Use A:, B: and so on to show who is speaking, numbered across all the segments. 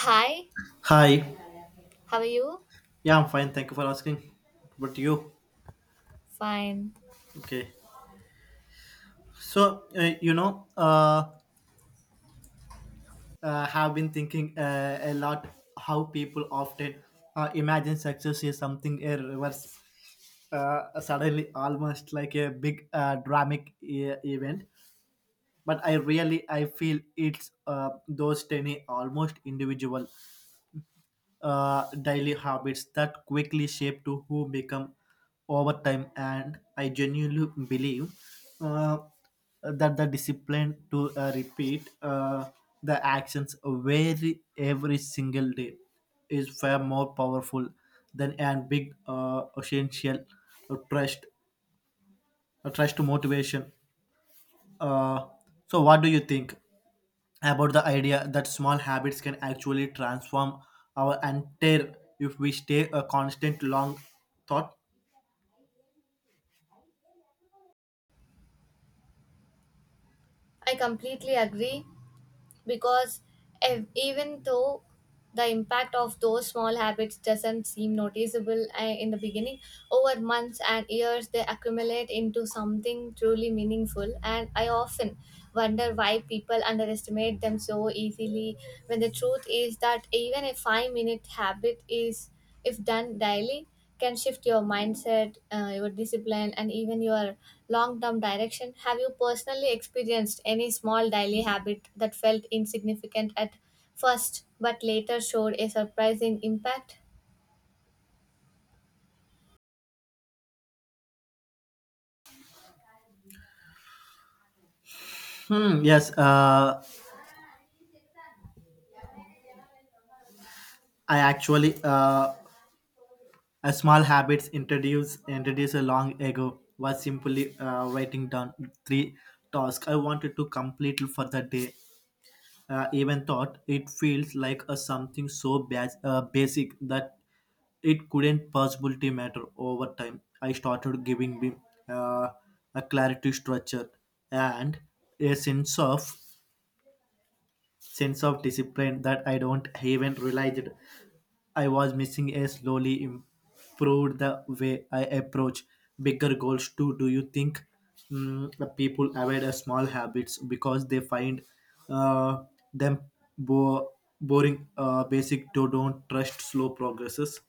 A: Hi,
B: Hi.
A: how are you?
B: Yeah, I'm fine. Thank you for asking. But you?
A: Fine.
B: Okay. So, uh, you know, uh, have been thinking a lot how people often imagine success is something a reverse, suddenly almost like a big dramatic event. But I really I feel it's those tiny, almost individual daily habits that quickly shape to who become over time, and I genuinely believe uh, that the discipline to repeat the actions very every single day is far more powerful than a big essential uh, trust trust motivation. uh, so what do you think about the idea that small habits can actually transform our entire if we stay a constant long thought?
A: I completely agree because even though the impact of those small habits doesn't seem noticeable in the beginning, over months and years they accumulate into something truly meaningful. And I often wonder why people underestimate them so easily when the truth is that even a 5 minute habit is, if done daily, can shift your mindset, your discipline, and even your long term direction. Have you personally experienced any small daily habit that felt insignificant at first but later showed a surprising impact?
B: Yes, I actually a small habits introduced a long ago was simply writing down three tasks I wanted to complete for the day. Even thought it feels like a something so basic that it couldn't possibly matter over time. I started giving me uh, a clarity structure and a sense of discipline that I don't even realize it. I was missing a slowly improved the way I approach bigger goals too. Do you think the people avoid a small habits because they find uh, them bo- boring, basic, do don't trust slow progresses?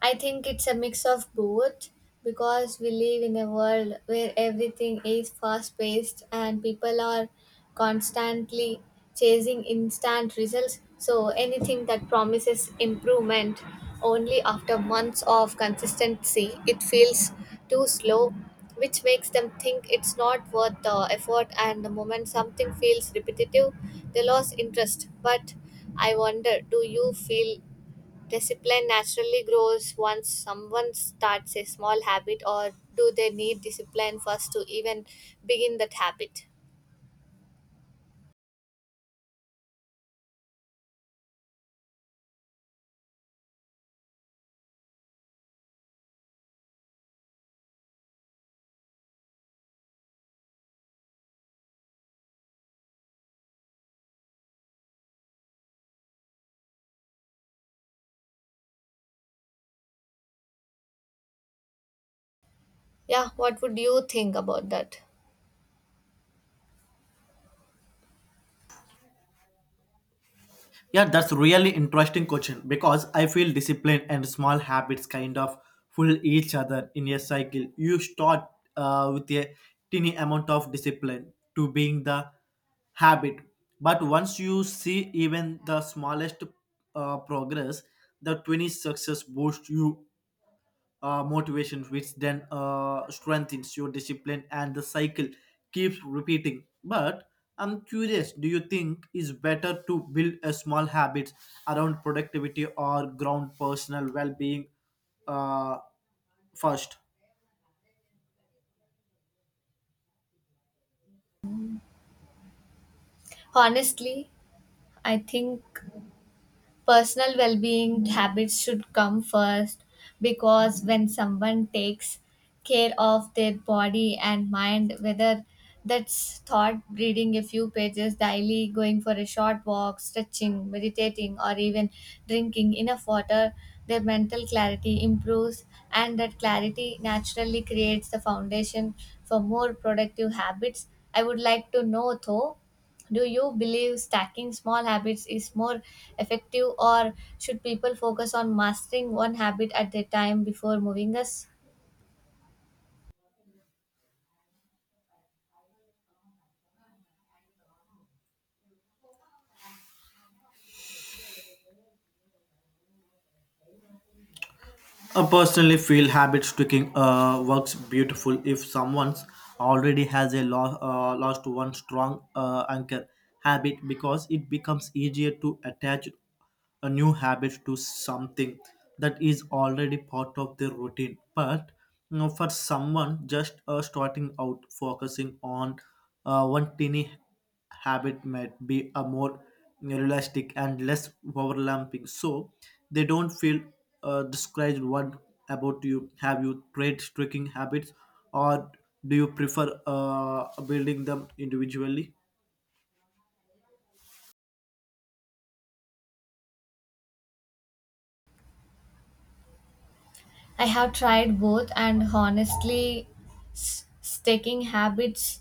A: I think it's a mix of both because we live in a world where everything is fast paced and people are constantly chasing instant results. So anything that promises improvement only after months of consistency, it feels too slow, which makes them think it's not worth the effort. And the moment something feels repetitive, they lose interest. But I wonder, do you feel discipline naturally grows once someone starts a small habit, or do they need discipline first to even begin that habit? Yeah, what would you think about that?
B: Yeah, that's really interesting question because I feel discipline and small habits kind of pull each other in a cycle. You start with a tiny amount of discipline to being the habit, but once you see even the smallest progress, the 20 success boosts you motivation, which then strengthens your discipline, and the cycle keeps repeating. But I'm curious, do you think is better to build a small habits around productivity or ground personal well-being uh, first?
A: Honestly, I think personal well-being habits should come first because when someone takes care of their body and mind, whether that's thought, reading a few pages daily, going for a short walk, stretching, meditating, or even drinking enough water, their mental clarity improves, and that clarity naturally creates the foundation for more productive habits. I would like to know though, do you believe stacking small habits is more effective, or should people focus on mastering one habit at a time before moving us?
B: I personally feel habit sticking works beautiful if someone's already has a lost one strong anchor habit because it becomes easier to attach a new habit to something that is already part of their routine. But you know, for someone just starting out, focusing on one tiny habit might be a more realistic and less overlapping, so they don't feel discouraged. What about you, have you tried tricking habits or do you prefer building them individually?
A: I have tried both, and honestly, stacking habits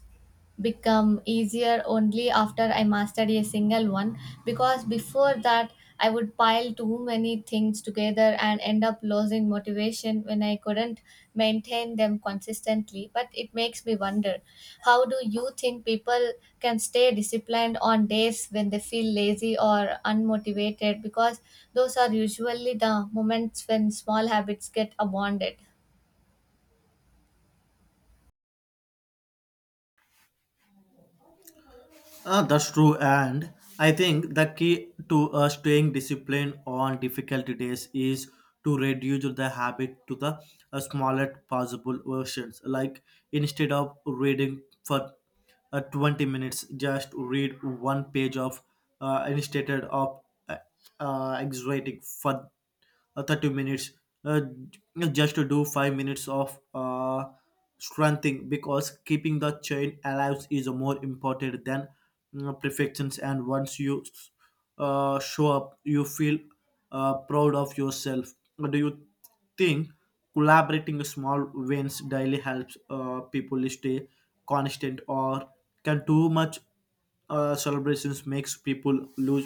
A: become easier only after I mastered a single one because before that I would pile too many things together and end up losing motivation when and I couldn't maintain them consistently. But it makes me wonder, how do you think people can stay disciplined on days when they feel lazy or unmotivated? Because those are usually the moments when small habits get abandoned.
B: That's true, and I think the key to staying disciplined on difficult days is to reduce the habit to the smallest possible versions. Like instead of reading for 20 minutes, just read one page of instead of uh, exaggerating for 30 minutes, uh, just to do 5 minutes of strengthening, because keeping the chain alive is more important than perfections. And once you show up, you feel proud of yourself. Do you think collaborating small wins daily helps people stay constant, or can too much celebrations makes people lose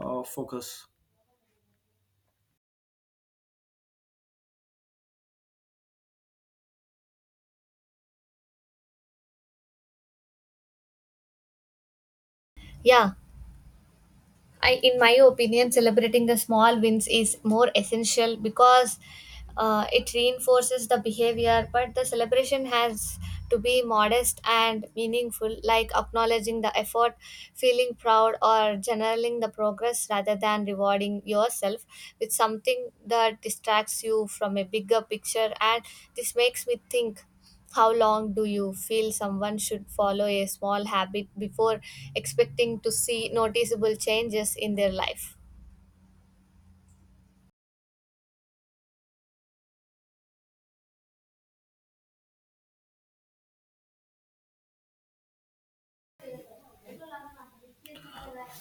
B: focus?
A: Yeah. I, in my opinion, celebrating the small wins is more essential because it reinforces the behavior. But the celebration has to be modest and meaningful, like acknowledging the effort, feeling proud, or generaling the progress rather than rewarding yourself with something that distracts you from a bigger picture. And this makes me think, how long do you feel someone should follow a small habit before expecting to see noticeable changes in their life?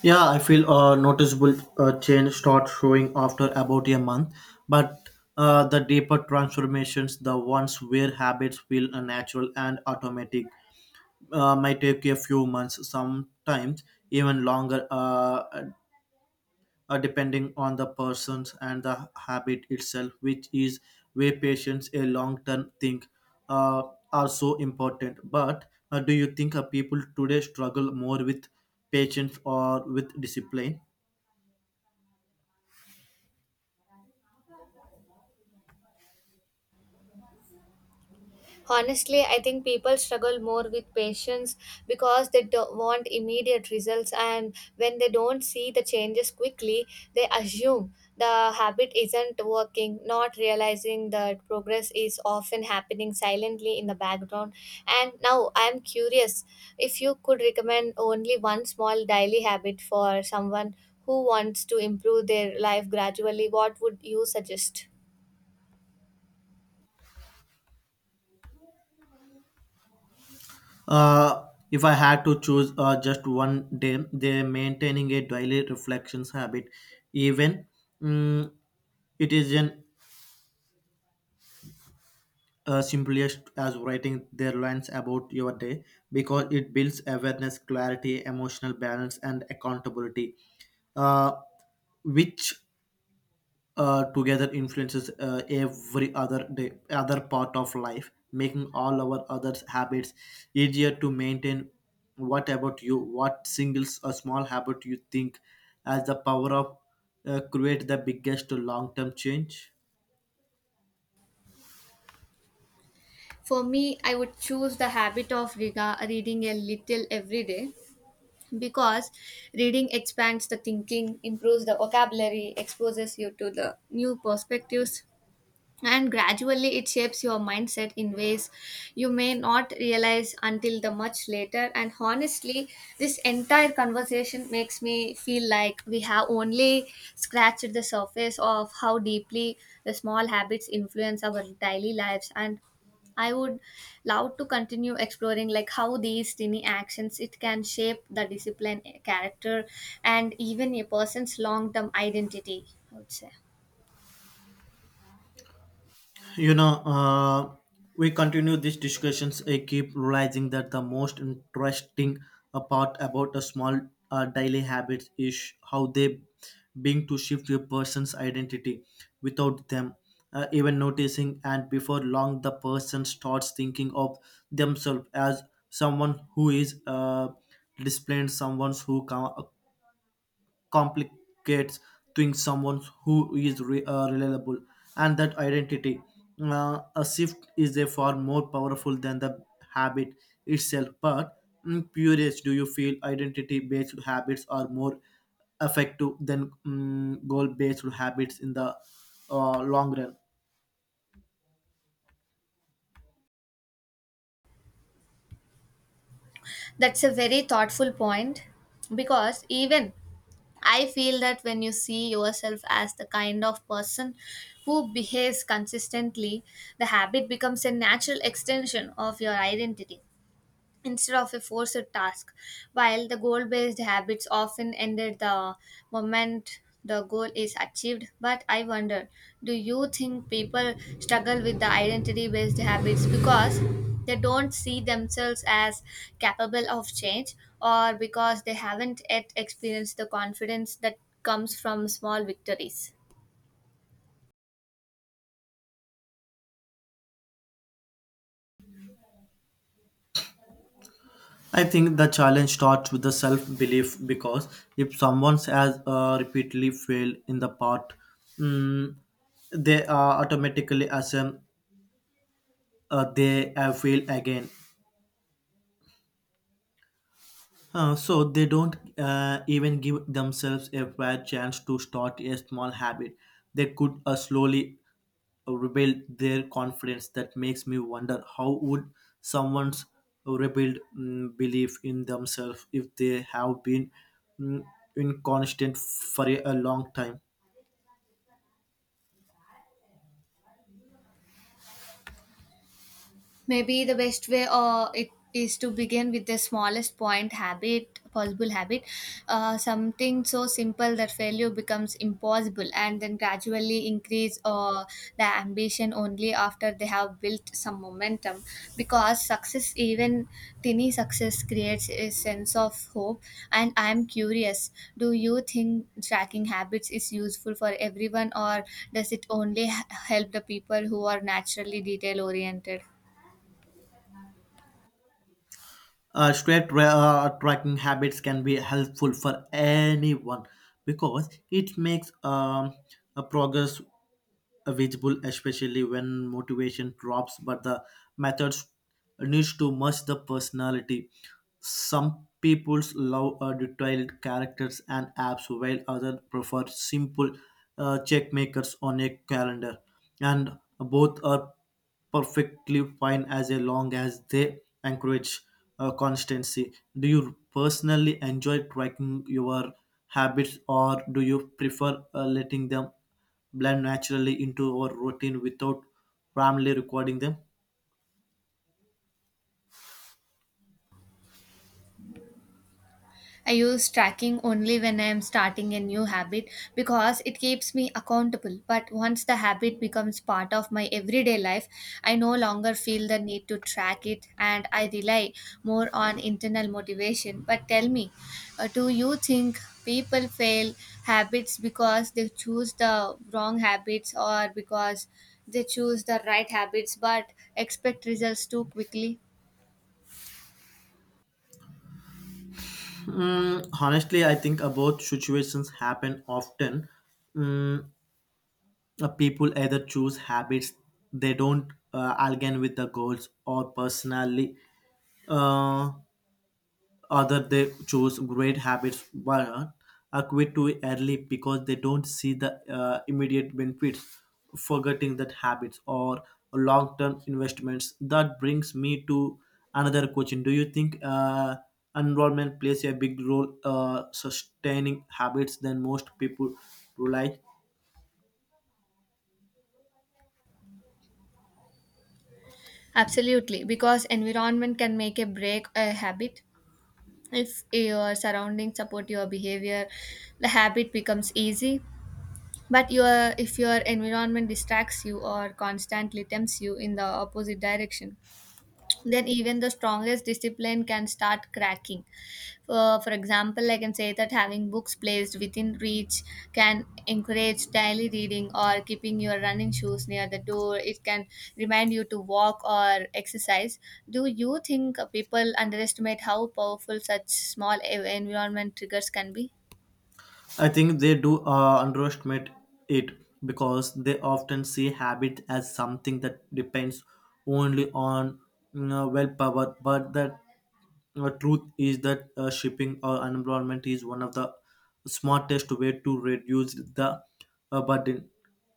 B: Yeah, I feel a noticeable change start showing after about a month, but the deeper transformations, the ones where habits feel unnatural and automatic, might take a few months, sometimes even longer, depending on the persons and the habit itself, which is where patience a long-term thing uh, are so important. But do you think people today struggle more with patience or with discipline?
A: Honestly, I think people struggle more with patience because they don't want immediate results, and when they don't see the changes quickly, they assume the habit isn't working, not realizing that progress is often happening silently in the background. And now I'm curious, if you could recommend only one small daily habit for someone who wants to improve their life gradually, what would you suggest?
B: If I had to choose just one day, they maintaining a daily reflections habit, even mm, it is an simplest as writing their lines about your day, because it builds awareness, clarity, emotional balance, and accountability, uh, which together influences every other day, other part of life, making all our other habits easier to maintain. What about you? What singles a small habit you think as the power of create the biggest long term change?
A: For me, I would choose the habit of reading a little every day because reading expands the thinking, improves the vocabulary, exposes you to the new perspectives, and gradually it shapes your mindset in ways you may not realize until the much later. And honestly, this entire conversation makes me feel like we have only scratched the surface of how deeply the small habits influence our daily lives, and I would love to continue exploring like how these tiny actions it can shape the discipline, character, and even a person's long term identity, I would say.
B: You know, we continue these discussions, I keep realizing that the most interesting part about a small daily habit is how they being to shift a person's identity without them even noticing, and before long the person starts thinking of themselves as someone who is displaying someone who complicates, being someone who is reliable, and that identity a shift is a far more powerful than the habit itself. But curious, do you feel identity based habits are more effective than goal based habits in the long run?
A: That's a very thoughtful point because even I feel that when you see yourself as the kind of person who behaves consistently, the habit becomes a natural extension of your identity instead of a forced task. While the goal based habits often ended the moment the goal is achieved, but I wonder, do you think people struggle with the identity based habits because they don't see themselves as capable of change, or because they haven't yet experienced the confidence that comes from small victories?
B: I think the challenge starts with the self belief because if someone has repeatedly failed in the part, mm, they automatically assume they fail again. So they don't even give themselves a fair chance to start a small habit. They could slowly rebuild their confidence. That makes me wonder, how would someone's rebuild belief in themselves if they have been mm, inconstant for a long time.
A: Maybe the best way, it is to begin with the smallest point habit possible habit, something so simple that failure becomes impossible, and then gradually increase the ambition only after they have built some momentum, because success, even tiny success, creates a sense of hope. And I am curious, do you think tracking habits is useful for everyone, or does it only help the people who are naturally detail oriented?
B: Straight tracking habits can be helpful for anyone because it makes a progress visible, especially when motivation drops, but the methods needs to match the personality. Some people's love detailed characters and apps, while others prefer simple checkmakers on a calendar. And both are perfectly fine as long as they encourage constancy. Do you personally enjoy tracking your habits, or do you prefer letting them blend naturally into our routine without primarily recording them?
A: I use tracking only when I am starting a new habit because it keeps me accountable. But once the habit becomes part of my everyday life, I no longer feel the need to track it and I rely more on internal motivation. But tell me, do you think people fail habits because they choose the wrong habits, or because they choose the right habits but expect results too quickly?
B: Honestly, I think both situations happen often. Mm, People either choose habits they don't align with the goals or personally. Uh, Other they choose great habits but are quit too early because they don't see the immediate benefits, forgetting that habits or long-term investments. That brings me to another question. Do you think enrollment plays a big role sustaining habits than most people realize?
A: Absolutely, because environment can make a break a habit. If your surroundings support your behavior, the habit becomes easy. But your, if your environment distracts you or constantly tempts you in the opposite direction, then even the strongest discipline can start cracking. For example, I can say that having books placed within reach can encourage daily reading, or keeping your running shoes near the door, it can remind you to walk or exercise. Do you think people underestimate how powerful such small environment triggers can be?
B: I think they do underestimate it because they often see habit as something that depends only on you know, willpower, but that truth is that shipping or environment is one of the smartest way to reduce the burden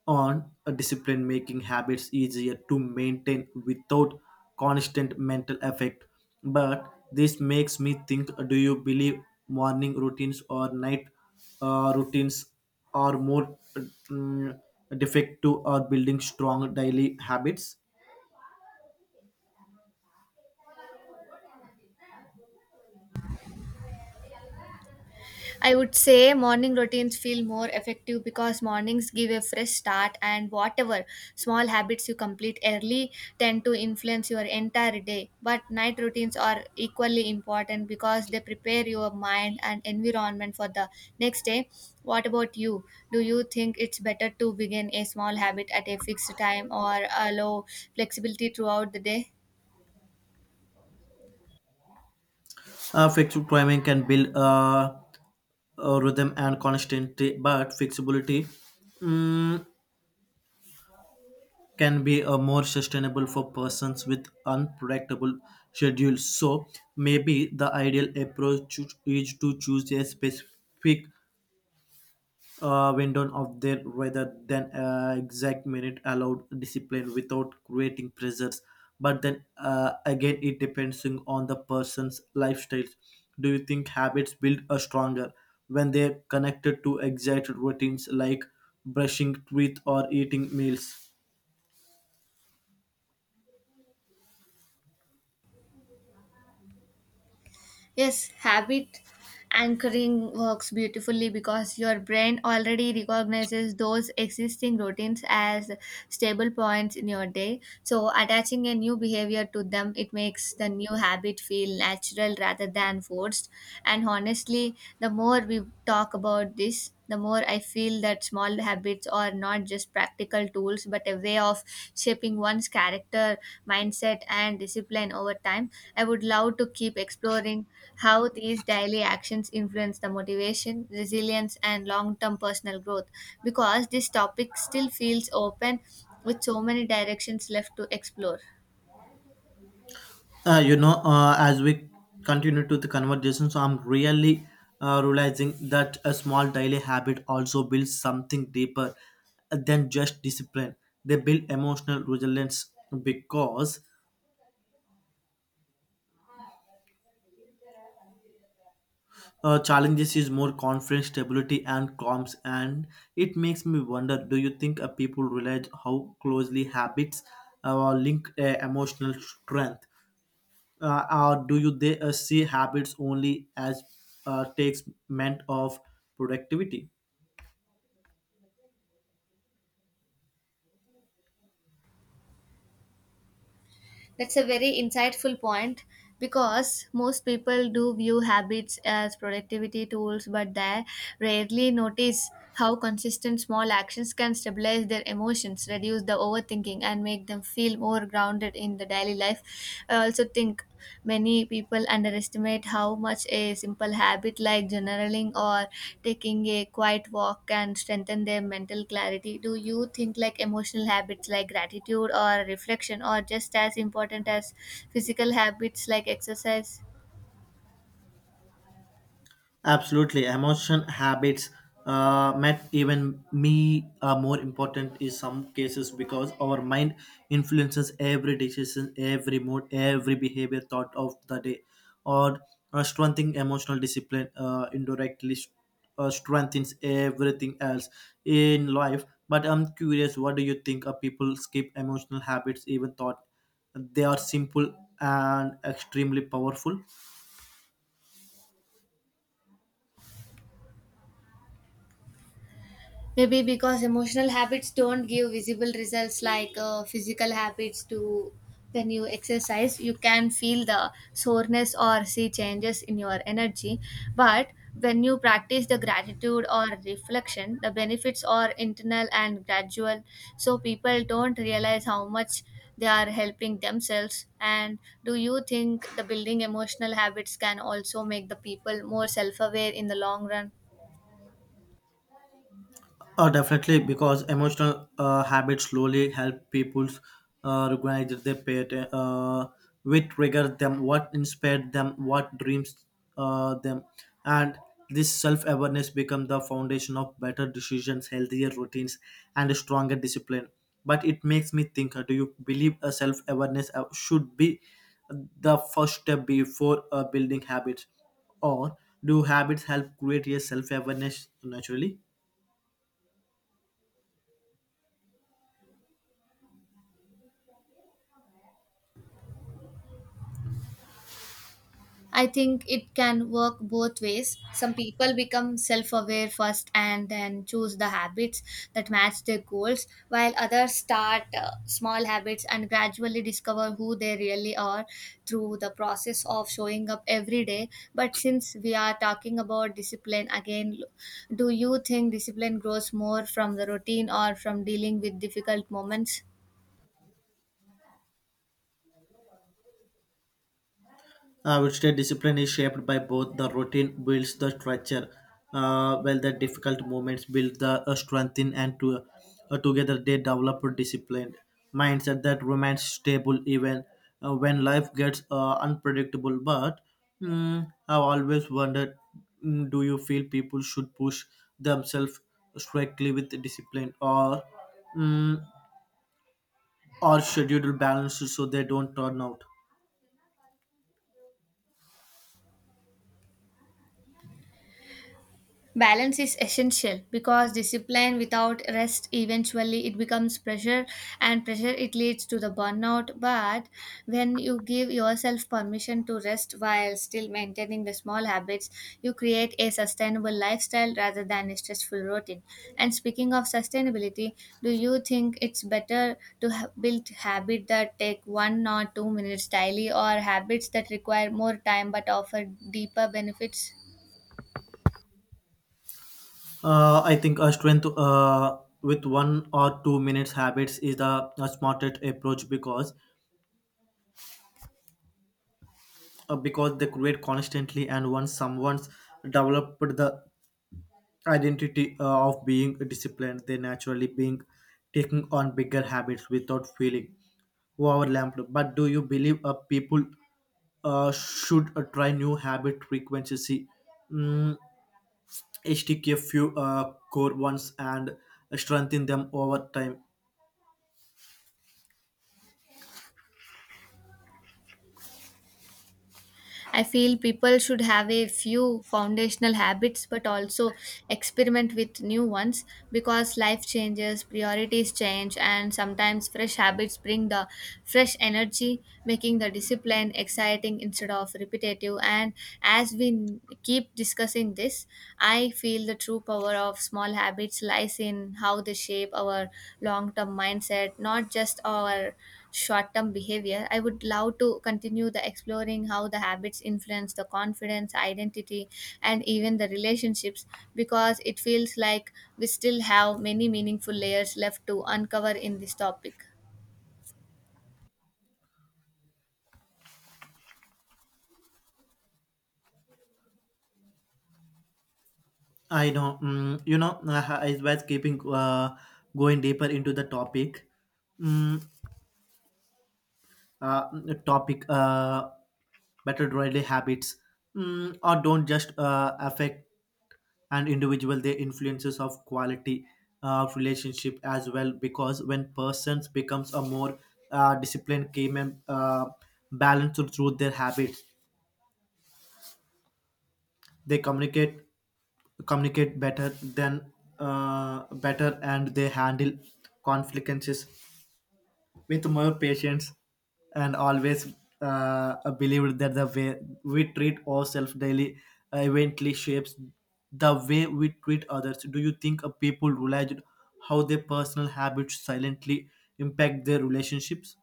B: on a discipline, making habits easier to maintain without constant mental effect. But this makes me think, do you believe morning routines or night routines are more mm, defective or building strong daily habits?
A: I would say morning routines feel more effective because mornings give a fresh start, and whatever small habits you complete early tend to influence your entire day. But night routines are equally important because they prepare your mind and environment for the next day. What about you? Do you think it's better to begin a small habit at a fixed time or allow flexibility throughout the day?
B: Fixed timing can build rhythm and consistency, but flexibility mm, can be more sustainable for persons with unpredictable schedules. So maybe the ideal approach is to choose a specific window of their rather than exact minute allowed discipline without creating pressures. But then again, it depends on the person's lifestyles. Do you think habits build a stronger when they're connected to exact routines like brushing teeth or eating meals?
A: Yes, habit anchoring works beautifully because your brain already recognizes those existing routines as stable points in your day. So, attaching a new behavior to them, it makes the new habit feel natural rather than forced. And honestly, the more we talk about this, the more I feel that that small habits are not just practical tools but a way of shaping one's character, mindset, and discipline over time. I would love to keep exploring how these daily actions influence the motivation, resilience, and long term personal growth because this topic still feels open with so many directions left to explore.
B: You know, as we continue to the conversation, so I'm really realizing that a small daily habit also builds something deeper than just discipline. They build emotional resilience because challenges is more confidence, stability, and calms. And it makes me wonder, do you think people realize how closely habits link emotional strength? uh, or do you they see habits only as takes meant of productivity?
A: That's a very insightful point because most people do view habits as productivity tools, but they rarely notice how consistent small actions can stabilize their emotions, reduce the overthinking, and make them feel more grounded in the daily life. I also think many people underestimate how much a simple habit like journaling or taking a quiet walk can strengthen their mental clarity. Do you think like emotional habits like gratitude or reflection are just as important as physical habits like exercise?
B: Absolutely, emotion habits met even me are more important in some cases because our mind influences every decision, every mood, every behavior thought of the day, or strengthening emotional discipline indirectly strengthens everything else in life. But I'm curious, what do you think? People skip emotional habits even thought they are simple and extremely powerful.
A: Maybe because emotional habits don't give visible results like physical habits do. When you exercise, you can feel the soreness or see changes in your energy. But when you practice the gratitude or reflection, the benefits are internal and gradual. So people don't realize how much they are helping themselves. And do you think the building emotional habits can also make the people more self aware in the long run?
B: Definitely, because emotional habits slowly help people recognize their pet, what triggered them, what inspired them, what dreams them, and this self-awareness becomes the foundation of better decisions, healthier routines, and a stronger discipline. But it makes me think, do you believe a self-awareness should be the first step before building habits, or do habits help create a self-awareness naturally?
A: I think it can work both ways. Some people become self aware first and then choose the habits that match their goals, while others start small habits and gradually discover who they really are through the process of showing up every day. But since we are talking about discipline again, do you think discipline grows more from the routine or from dealing with difficult moments?
B: I would say discipline is shaped by both the routine builds the structure, while the difficult moments build the strength in and to, together they develop a disciplined mindset that remains stable even when life gets unpredictable. But I've always wondered do you feel people should push themselves strictly with discipline or, mm, or schedule balance so they don't turn out?
A: Balance is essential because discipline without rest eventually it becomes pressure, and pressure it leads to the burnout. But when you give yourself permission to rest while still maintaining the small habits, you create a sustainable lifestyle rather than a stressful routine. And speaking of sustainability, do you think it's better to build habits that take 1 or 2 minutes daily, or habits that require more time but offer deeper benefits?
B: I think a strength with one or two minutes habits is the a smartest approach because they create constantly, and once someone's developed the identity of being disciplined, they naturally being taking on bigger habits without feeling overwhelmed. But do you believe people should try new habit frequency, mm, stick a few core ones and strengthen them over time?
A: I feel people should have a few foundational habits but also experiment with new ones because life changes, priorities change, and sometimes fresh habits bring the fresh energy, making the discipline exciting instead of repetitive. And as we keep discussing this, I feel the true power of small habits lies in how they shape our long term mindset, not just our short-term behavior. I would love to continue the exploring how the habits influence the confidence, identity, and even the relationships, because it feels like we still have many meaningful layers left to uncover in this topic.
B: I know. You know, I was keeping going deeper into the topic. Mm, uh, Topic better daily habits or don't just affect an individual. They influences of quality of relationship as well because when persons becomes a more disciplined, came and balanced through their habits, they communicate better than better, and they handle conflicts with more patience. And always believed that the way we treat ourselves daily eventually shapes the way we treat others. Do you think people realize how their personal habits silently impact their relationships?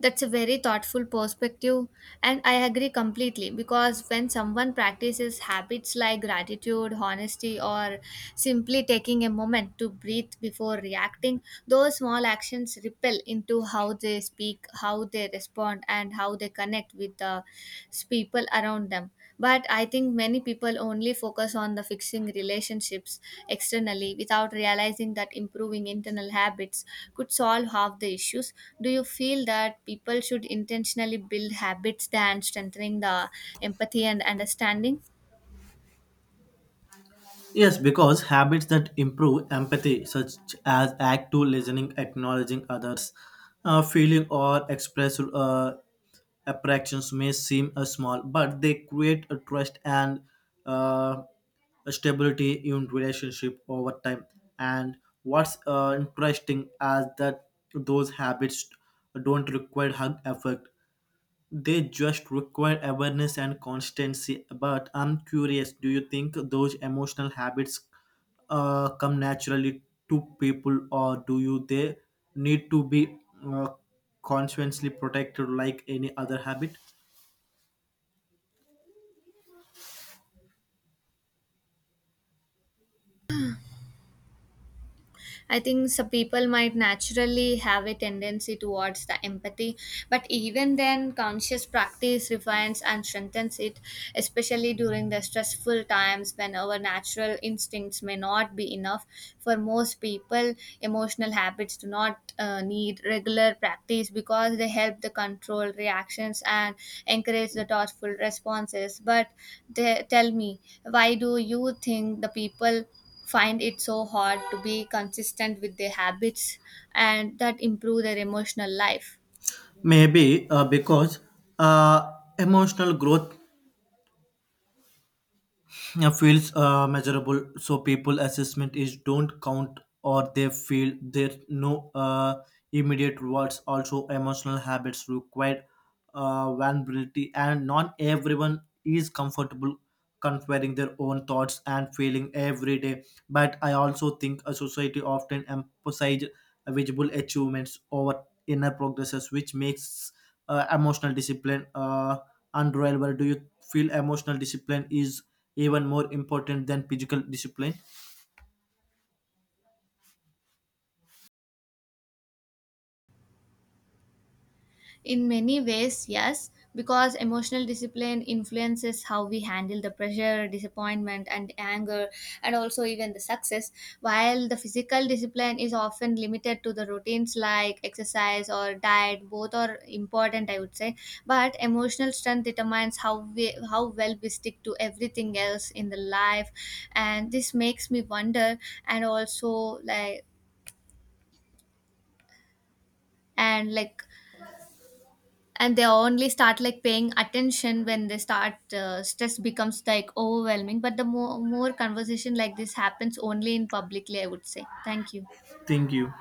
A: That's a very thoughtful perspective, and I agree completely because when someone practices habits like gratitude, honesty, or simply taking a moment to breathe before reacting, those small actions ripple into how they speak, how they respond, and how they connect with the people around them. But I think many people only focus on the fixing relationships externally without realizing that improving internal habits could solve half the issues. Do you feel that people should intentionally build habits than strengthening the empathy and understanding?
B: Yes, because habits that improve empathy, such as active listening, acknowledging others' feeling or express apprehensions, may seem small, but they create a trust and uh, a stability in relationship over time. And what's interesting is that those habits don't require hug effort, they just require awareness and constancy. But I'm curious, do you think those emotional habits come naturally to people, or do you they need to be uh, consciously protected like any other habit?
A: I think some people might naturally have a tendency towards the empathy, but even then, conscious practice refines and strengthens it, especially during the stressful times when our natural instincts may not be enough. For most people, emotional habits do not need regular practice because they help the control reactions and encourage the thoughtful responses. But they, tell me, why do you think the people find it so hard to be consistent with their habits and that improve their emotional life?
B: Maybe because uh, emotional growth, yeah, feels measurable, so people assessment is don't count, or they feel there no immediate rewards. Also emotional habits require vulnerability, and not everyone is comfortable comparing their own thoughts and feeling every day. But I also think a society often emphasizes visible achievements over inner progresses, which makes emotional discipline and Royal, where do you feel emotional discipline is even more important than physical discipline?
A: In many ways, yes, because emotional discipline influences how we handle the pressure, disappointment, and anger, and also even the success. While the physical discipline is often limited to the routines like exercise or diet, both are important, I would say. But emotional strength determines how we, how well we stick to everything else in the life. And this makes me wonder, and also like, and like, and they only start like paying attention when they start stress becomes like overwhelming. But the more conversation like this happens only in publicly, I would say. Thank you.
B: Thank you.